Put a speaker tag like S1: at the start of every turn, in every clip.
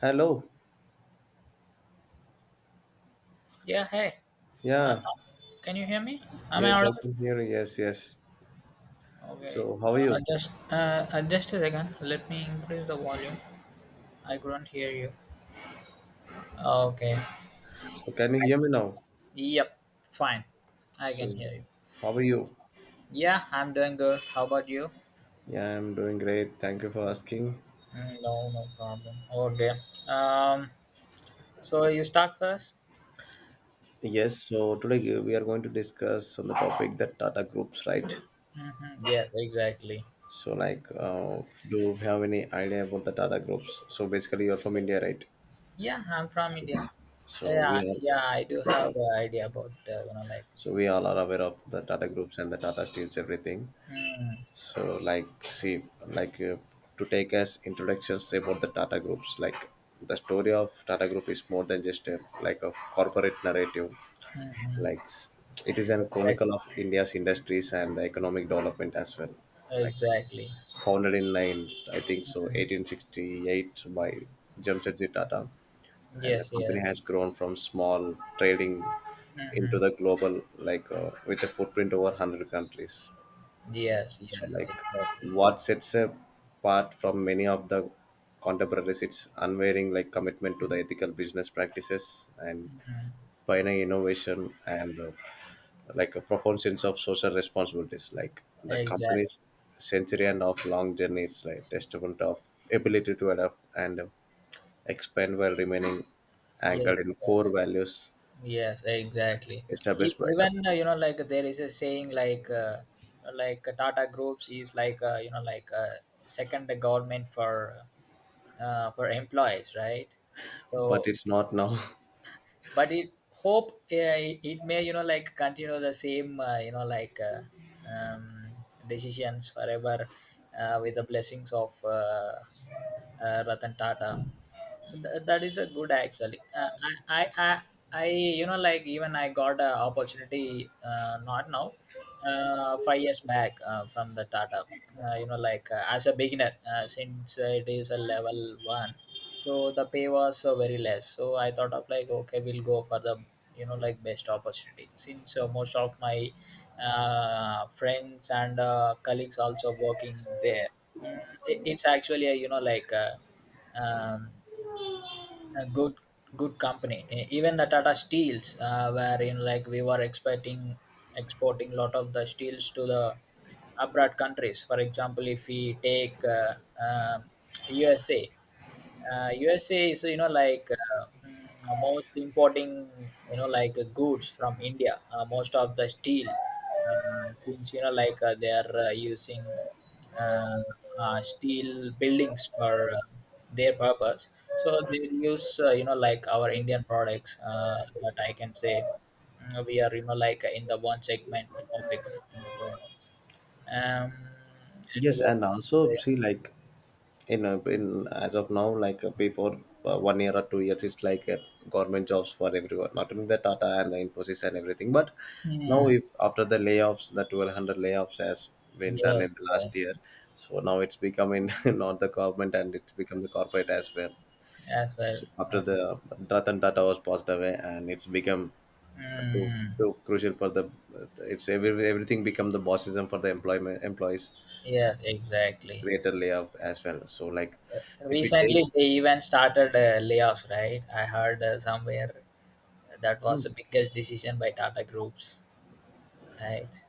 S1: Hello.
S2: Yeah, hey. Uh,
S1: Yeah.
S2: can you hear me? Am I
S1: Yes, I
S2: audible?
S1: can hear you. Yes, yes.
S2: Okay.
S1: So, how are you?
S2: Just Just a second. Let me increase the volume. I couldn't hear you. Okay.
S1: So, can you hear me now?
S2: Yep. Fine. I can
S1: So,
S2: hear you.
S1: how are you?
S2: Yeah, I'm doing good. How about you?
S1: Yeah, I'm doing great. Thank you for asking.
S2: Mm, no, no problem. Okay. Um. So you start first.
S1: Yes, so today we are going to discuss on the topic that Tata groups, right?
S2: Mm-hmm. Yes, exactly.
S1: So, like, do you have any idea about the Tata groups? So, basically, you're from India, right?
S2: Yeah, I'm from India.
S1: So,
S2: Yeah, yeah, I do have an idea about you know.
S1: so we all are aware of the Tata groups and the Tata Steels, everything.
S2: Mm,
S1: So, like, see, like, to take as introductions about the Tata Groups, like, the story of Tata Group is more than just like a corporate narrative.
S2: mm-hmm.
S1: Like, it is an
S2: Exactly.
S1: chronicle of India's industries and the economic development as well. Like,
S2: Exactly.
S1: founded in I think so, 1868 by Jamshedji Tata, and the
S2: Yes,
S1: company
S2: yes,
S1: has grown from small trading
S2: hmm,
S1: into the global, like, with a footprint over 100 countries.
S2: yes, yes,
S1: So, like,
S2: exactly,
S1: what sets apart from many of the contemporaries, it's unwavering like commitment to the ethical business practices and pioneer innovation and like a profound sense of social responsibilities. Like the
S2: exactly.
S1: company's century and of long journey, it's like testament of ability to adapt and expand while remaining anchored
S2: Yes,
S1: in core
S2: yes,
S1: values
S2: yes, exactly. E-
S1: established by the.
S2: Even uh, you know, like there is a saying like Tata Groups is like you know like second government for employees, right?
S1: But
S2: So,
S1: it's not now.
S2: but it hope it may you know like continue the same you know like um, decisions forever with the blessings of Ratan Tata. That is a good actually. I, you know, like even I got a opportunity, not now, 5 years back from the Tata. You know, like as a beginner, since it is a level one, so the pay was very less. So I thought of like, okay, we'll go for the you know like best opportunity since most of my friends and colleagues also working there. Mm, it's actually a, you know like a, um, a good company. Even the tata steels wherein like we were expecting exporting lot of the steels to the abroad countries. For example, if we take uh, usa USA is you know like most importing you know like goods from India. Most of the steel, since you know like they are using uh, steel buildings for their purpose. So they use you know like our Indian products. That I can say, mm, we are you know like in the one segment of exporting the products. Um, and
S1: Yes,
S2: what?
S1: and also see like in as of now like before 1 year or 2 years, it's like government jobs for everyone, not only the Tata and the Infosys and everything, but now,
S2: Hmm,
S1: if after the layoffs, the 1200 layoffs has been done
S2: yes,
S1: in the last
S2: yes,
S1: year, so now it's becoming not the government, and it's become the corporate as well.
S2: as well.
S1: So after
S2: Uh,
S1: the Ratan Tata was passed away, and it's become uh, too,
S2: mm,
S1: too crucial for the it's everything become the bossism for the employment employees, and
S2: yes, exactly.
S1: greater layoff as well. So like if we take.
S2: Recently, they even started layoffs, right? I heard somewhere that was the
S1: Yes.
S2: biggest decision by Tata Groups, right?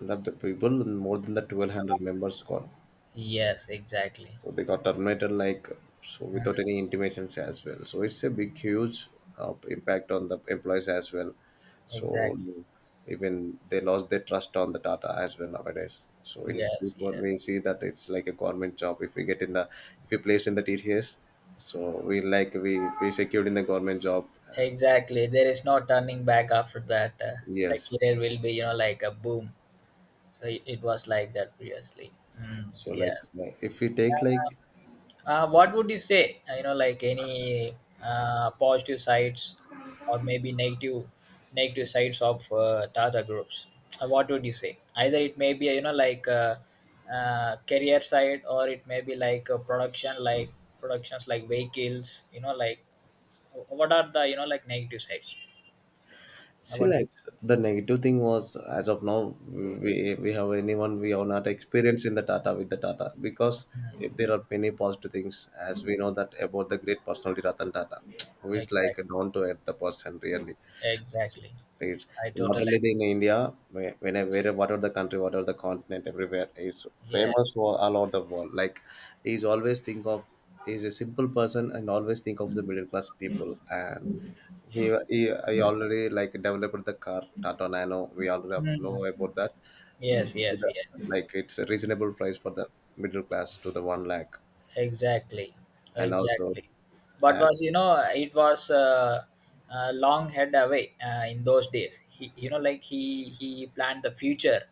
S1: That the people more than the 1200 members got,
S2: Yes, exactly.
S1: so they got terminated like, so without any intimations as well, so it's a big huge impact on the employees as well. So
S2: Exactly.
S1: even they lost their trust on the data as well nowadays, so in
S2: Yes,
S1: before we
S2: yes.
S1: see that it's like a government job, if we get in the if we placed in the tts, so we like we secured in the government job.
S2: Exactly. There is no turning back after that. The
S1: Yes.
S2: career will be, you know, like a boom. So it was like that previously. Mm,
S1: So like
S2: yes.
S1: if we take like.
S2: What would you say? You know, like any positive sides or maybe negative sides of Tata groups. What would you say? Either it may be you know like career side or it may be like productions like vehicles. You know, like what are the you know like negative sides?
S1: See,
S2: What do you.
S1: like the negative thing was, as of now, we have anyone, we have not experienced in the data with the data, because if there are many positive things as we know that about the great personality Ratan Tata, who is like
S2: Exactly,
S1: a down to earth the person really.
S2: exactly?
S1: It's
S2: I
S1: not
S2: totally
S1: only the, in India, whatever the country, whatever the continent, everywhere is famous
S2: yes.
S1: for all over the world. Like, he's always think of he's a simple person and always think of the middle class people, and he I already like developed the car Tata Nano. We already have- know
S2: Hmm.
S1: about that.
S2: Yes,
S1: To
S2: yes,
S1: the,
S2: yes.
S1: like it's a reasonable price for the middle class to the one lakh,
S2: Exactly,
S1: and also
S2: exactly. But
S1: and
S2: was you know it was long head away in those days. He you know like he planned the future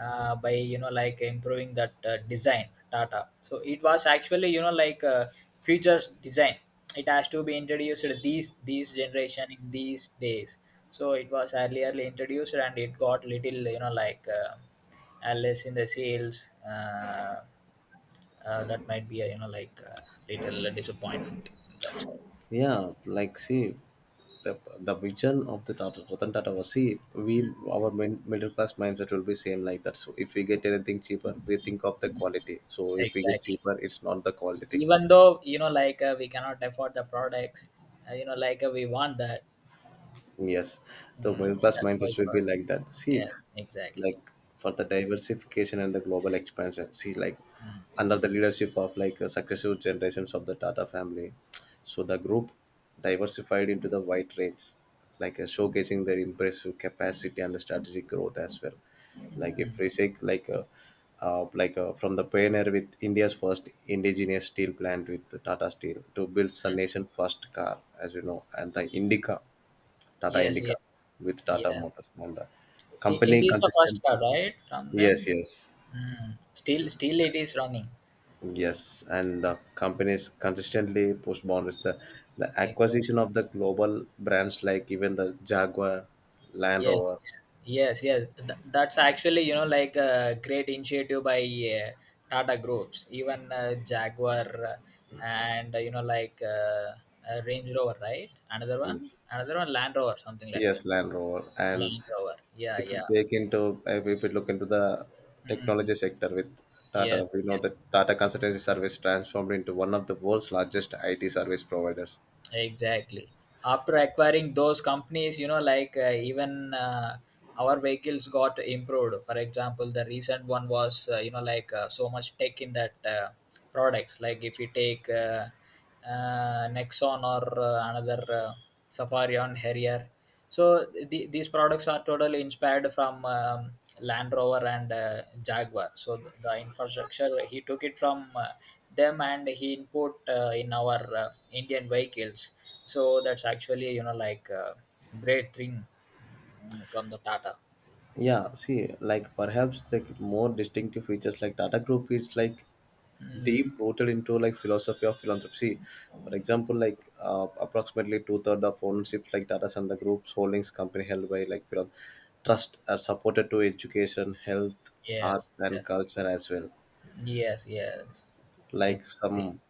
S2: by you know like improving that design Tata. So it was actually you know like futures design. It has to be introduced these generation in these days. So it was earlierly introduced and it got little you know like less in the sales. That might be a you know like a little disappointment, that's all.
S1: yeah, like see, the vision of the Tata Ratan Tata was, see, we our middle class mindset will be same like that. So if we get anything cheaper, we think of the quality. So if we get
S2: Exactly,
S1: cheaper, it's not the quality thing.
S2: even though you know like we cannot afford the products, you know like we want that.
S1: Yes, the
S2: Mm,
S1: middle class
S2: that's how
S1: mindset
S2: it
S1: will be
S2: works,
S1: like that. See,
S2: yes, exactly.
S1: like for the diversification and the global expansion, see, like
S2: Mm,
S1: under the leadership of like successive generations of the Tata family, so the group diversified into the wide range, like showcasing their impressive capacity and the strategic growth as well. Like if we say like from the pioneer with India's first indigenous steel plant with the Tata Steel to build the nation's first car, as you know, and the Indica, Tata
S2: yes,
S1: Indica
S2: yes,
S1: with Tata
S2: yes.
S1: Motors. And the
S2: it,
S1: company
S2: it is the first
S1: consistently.
S2: card right from
S1: Yes,
S2: them.
S1: yes,
S2: Mm, still it is running.
S1: yes. And the companies consistently push boundaries. The
S2: Exactly.
S1: acquisition of the global brands, like even the Jaguar, Land
S2: Yes,
S1: Rover.
S2: yes, yes. That's actually, you know, like a great initiative by Tata Groups, even Jaguar and, you know, like Range Rover, right? Another one?
S1: Yes,
S2: Another one, Land Rover, something like that.
S1: yes, Land Rover. And
S2: Land Rover. Yeah,
S1: if you
S2: yeah.
S1: take into, if you look into the
S2: Hmm.
S1: technology sector with Tata,
S2: Yes,
S1: we know that Tata Consultancy Service transformed into one of the world's largest IT service providers.
S2: exactly. After acquiring those companies, you know, like even our vehicles got improved. For example, the recent one was, you know, like so much tech in that products. Like if you take Nexon or another Safari on Harrier, so the, these products are totally inspired from Land Rover and Jaguar. So the infrastructure he took it from them and he input in our Indian vehicles. So that's actually you know like great thing, mm, from the Tata.
S1: Yeah, see, like perhaps like more distinctive features, like Tata Group is like
S2: Mm,
S1: deep rooted into like philosophy of philanthropy. For example, like approximately two-thirds of ownerships, like data center groups holdings company held by like trust are supported to education, health, art,
S2: yes,
S1: and
S2: yes,
S1: culture as well,
S2: yes, yes.
S1: like
S2: Exactly.
S1: some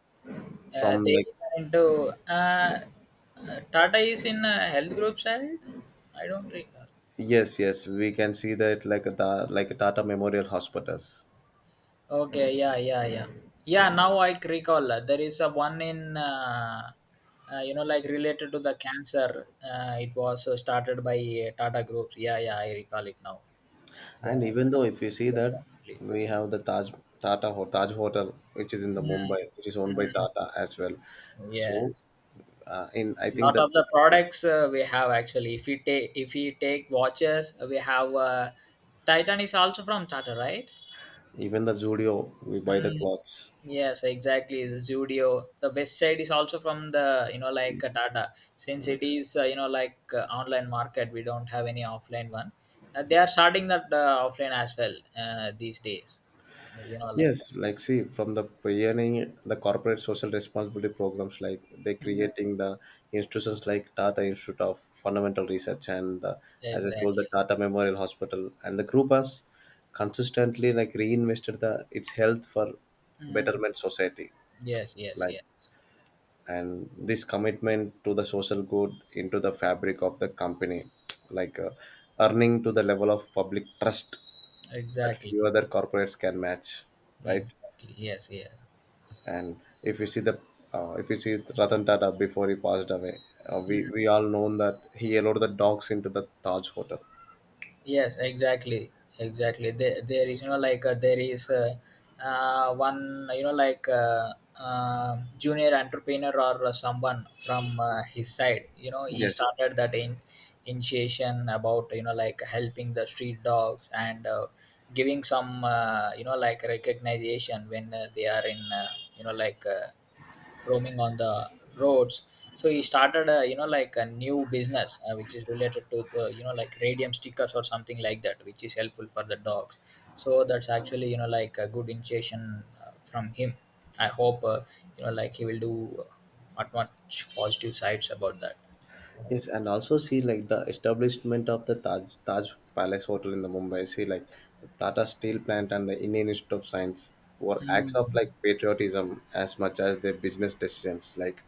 S1: from
S2: They
S1: like.
S2: are into Tata is in health group side. I don't recall.
S1: Yes, yes, we can see that, like the like Tata Memorial Hospitals.
S2: Okay, yeah, yeah, yeah. Yeah, now I recall there is a one in you know like related to the cancer. It was started by Tata Groups. Yeah, yeah, I recall it now.
S1: And
S2: Yeah,
S1: even though if you see that, we have the Taj Taj Hotel, which is in the
S2: Mm,
S1: Mumbai, which is owned by
S2: mm,
S1: Tata as well. So,
S2: yes,
S1: in I think
S2: lot
S1: that
S2: of the products we have actually. If we take, if we take watches, we have Titan is also from Tata, right?
S1: even the studio, we buy the
S2: Mm,
S1: clothes.
S2: yes, exactly. The Zudio. The best side is also from the you know like Tata. Since it is you know like online market, we don't have any offline one. They are starting that offline as well these days. You know like,
S1: Yes, like see, from the pioneering the corporate social responsibility programs, like they
S2: mm,
S1: creating the institutions like Tata Institute of Fundamental Research and the, as I told,
S2: exactly.
S1: the Tata Memorial Hospital, and the group has consistently like reinvested the its health for
S2: Mm,
S1: betterment society,
S2: yes, yes,
S1: like
S2: yes.
S1: and this commitment to the social good into the fabric of the company, like earning to the level of public trust that
S2: Exactly.
S1: few other corporates can match, right?
S2: Exactly. Yes, yes.
S1: And if you see the if you see Ratan Tata before he passed away, we all known that he allowed the dogs into the Taj Hotel.
S2: Yes, exactly, exactly. There is you know like there is one you know like junior entrepreneur or someone from his side. You know he
S1: Yes,
S2: started that in initiation about you know like helping the street dogs and giving some you know like recognition when they are in you know like. Uh, roaming on the roads. So he started a you know like a new business which is related to you know like radium stickers or something like that, which is helpful for the dogs. So that's actually you know like a good initiation from him. I hope you know like he will do not much positive sides about that.
S1: yes, and also see like the establishment of the Taj Palace Hotel in the Mumbai. See, like the Tata Steel Plant and the Indian Institute of Science were acts
S2: Mm.
S1: of like patriotism as much as their business decisions. Like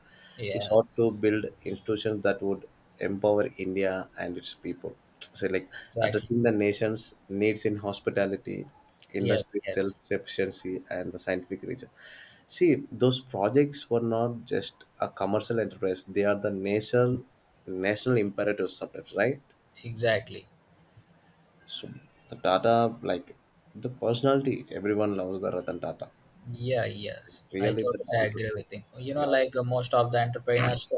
S1: he
S2: Yeah,
S1: sought to build institutions that would empower India and its people. So like,
S2: exactly.
S1: addressing the nation's needs in hospitality,
S2: Yes,
S1: industry
S2: yes,
S1: self-sufficiency, and the scientific research. See, those projects were not just a commercial enterprise; they are the national imperative sometimes, right?
S2: exactly.
S1: So the Tata, like the personality, everyone loves the Ratan Tata.
S2: Yeah, yes, I
S1: Really, the
S2: totally
S1: down to
S2: agree with him. You
S1: he.
S2: know, like most of the entrepreneurs,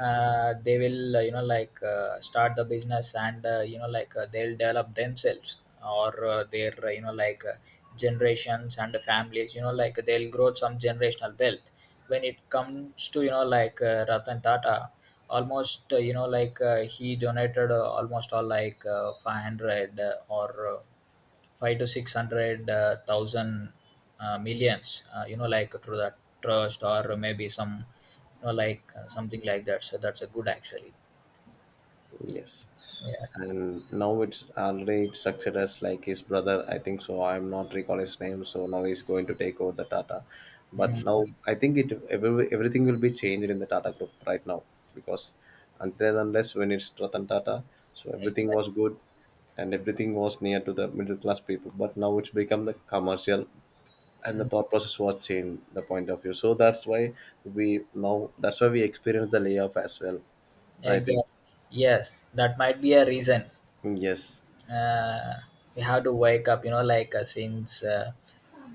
S2: they will, you know, like start the business and, you know, like they'll develop themselves or their, you know, like generations and the families, you know, like they'll grow some generational wealth. When it comes to, you know, like Ratan Tata, almost, you know, like he donated almost all like 500 or five to six hundred thousand millions, you know like through that trust or maybe some you know like something like that. So that's a good actually,
S1: Yes.
S2: yeah.
S1: And now it's already succeeded as like his brother, I think so. I'm not recall his name, so now he's going to take over the Tata. But
S2: Mm,
S1: now I think it everything will be changed in the Tata group right now, because until and unless when it's Ratan Tata, so everything
S2: exactly.
S1: was good, and everything was near to the middle class people. But now it's become the commercial, and the
S2: Mm,
S1: thought process was changed, the point of view. So that's why we now that's why we experience the layoff as well. I
S2: exactly,
S1: think.
S2: yes, that might be a reason.
S1: Yes.
S2: uh, we have to wake up you know like since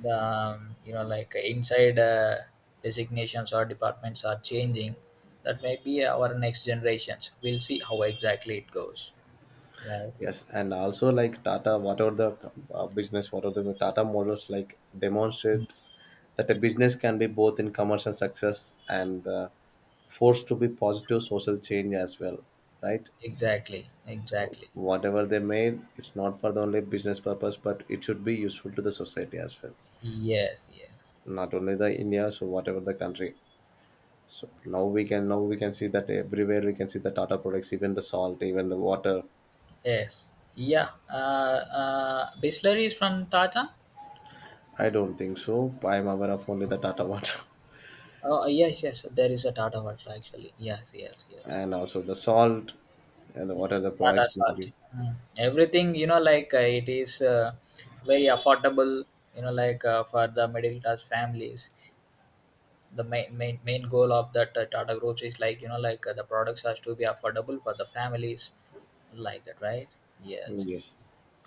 S2: the you know like inside designations or departments are changing. That may be our next generations, we'll see how exactly it goes, right?
S1: Yes, and also like Tata, whatever the business, whatever the Tata models like demonstrates that a business can be both in commercial success and forced to be positive social change as well, right?
S2: Exactly,
S1: So
S2: exactly.
S1: whatever they made, it's not for the only business purpose, but it should be useful to the society as well.
S2: Yes, yes,
S1: Not only the India, so whatever the country. So now we can see that everywhere we can see the Tata products, even the salt, even the water.
S2: yes. Yeah, Bisleri is from Tata.
S1: I don't think so. I'm aware of only the Tata water.
S2: Oh, yes, yes, there is a Tata Water actually. Yes, yes, yes.
S1: And also the salt, and what are the
S2: Tata
S1: products
S2: Salt.
S1: maybe.
S2: Mm. Everything, you know, like it is very affordable, you know, like for the middle class families. The main goal of that Tata Group is like, you know, like the products has to be affordable for the families, like that, right? Yes,
S1: Yes,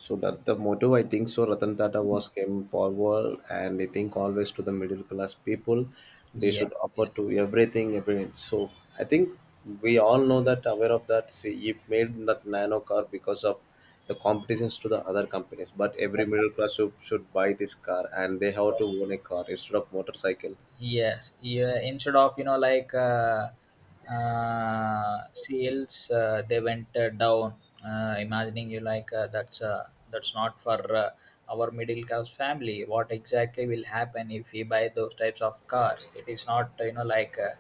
S1: so that the motto, I think so, Ratan Tata was came forward, and I think always to the middle class people, they
S2: yeah,
S1: should offer
S2: yes,
S1: to everything every, so I think we all know that aware of that. See, he made that Nano car because of the competitions to the other companies, but every middle class should buy this car, and they have to
S2: yes.
S1: own a car instead of motorcycle.
S2: Yes, yeah. Instead of you know like sales, they went down. Imagining you like that's not for our middle class family. What exactly will happen if we buy those types of cars? It is not you know like uh,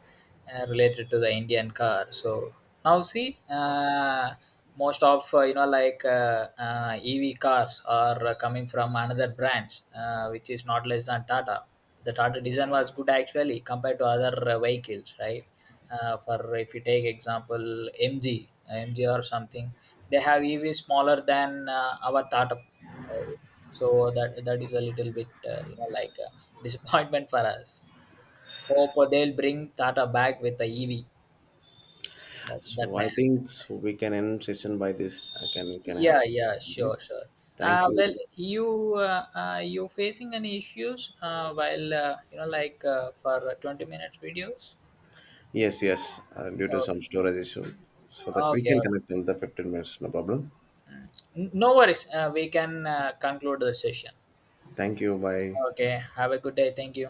S2: uh, related to the Indian car. So now see, most of you know like EV cars are coming from another brands, which is not less than Tata. The Tata design was good actually compared to other vehicles, right? For if you take example MG, MG or something, they have EV smaller than our Tata, right? So that, that is a little bit you know like a disappointment for us. Hope they'll bring Tata back with the EV. That, that
S1: So
S2: may,
S1: I think so we can end session by this. I can we can have.
S2: yeah, yeah,
S1: Okay.
S2: sure, sure.
S1: Thank you.
S2: Well, you you facing any issues while you know like for 20 minutes videos?
S1: Yes, yes. Due to some storage issue, so that we
S2: Okay.
S1: can connect in the 15 minutes. No problem.
S2: Okay. No worries. We can conclude the session.
S1: Thank you. Bye.
S2: Okay. Have a good day. Thank you.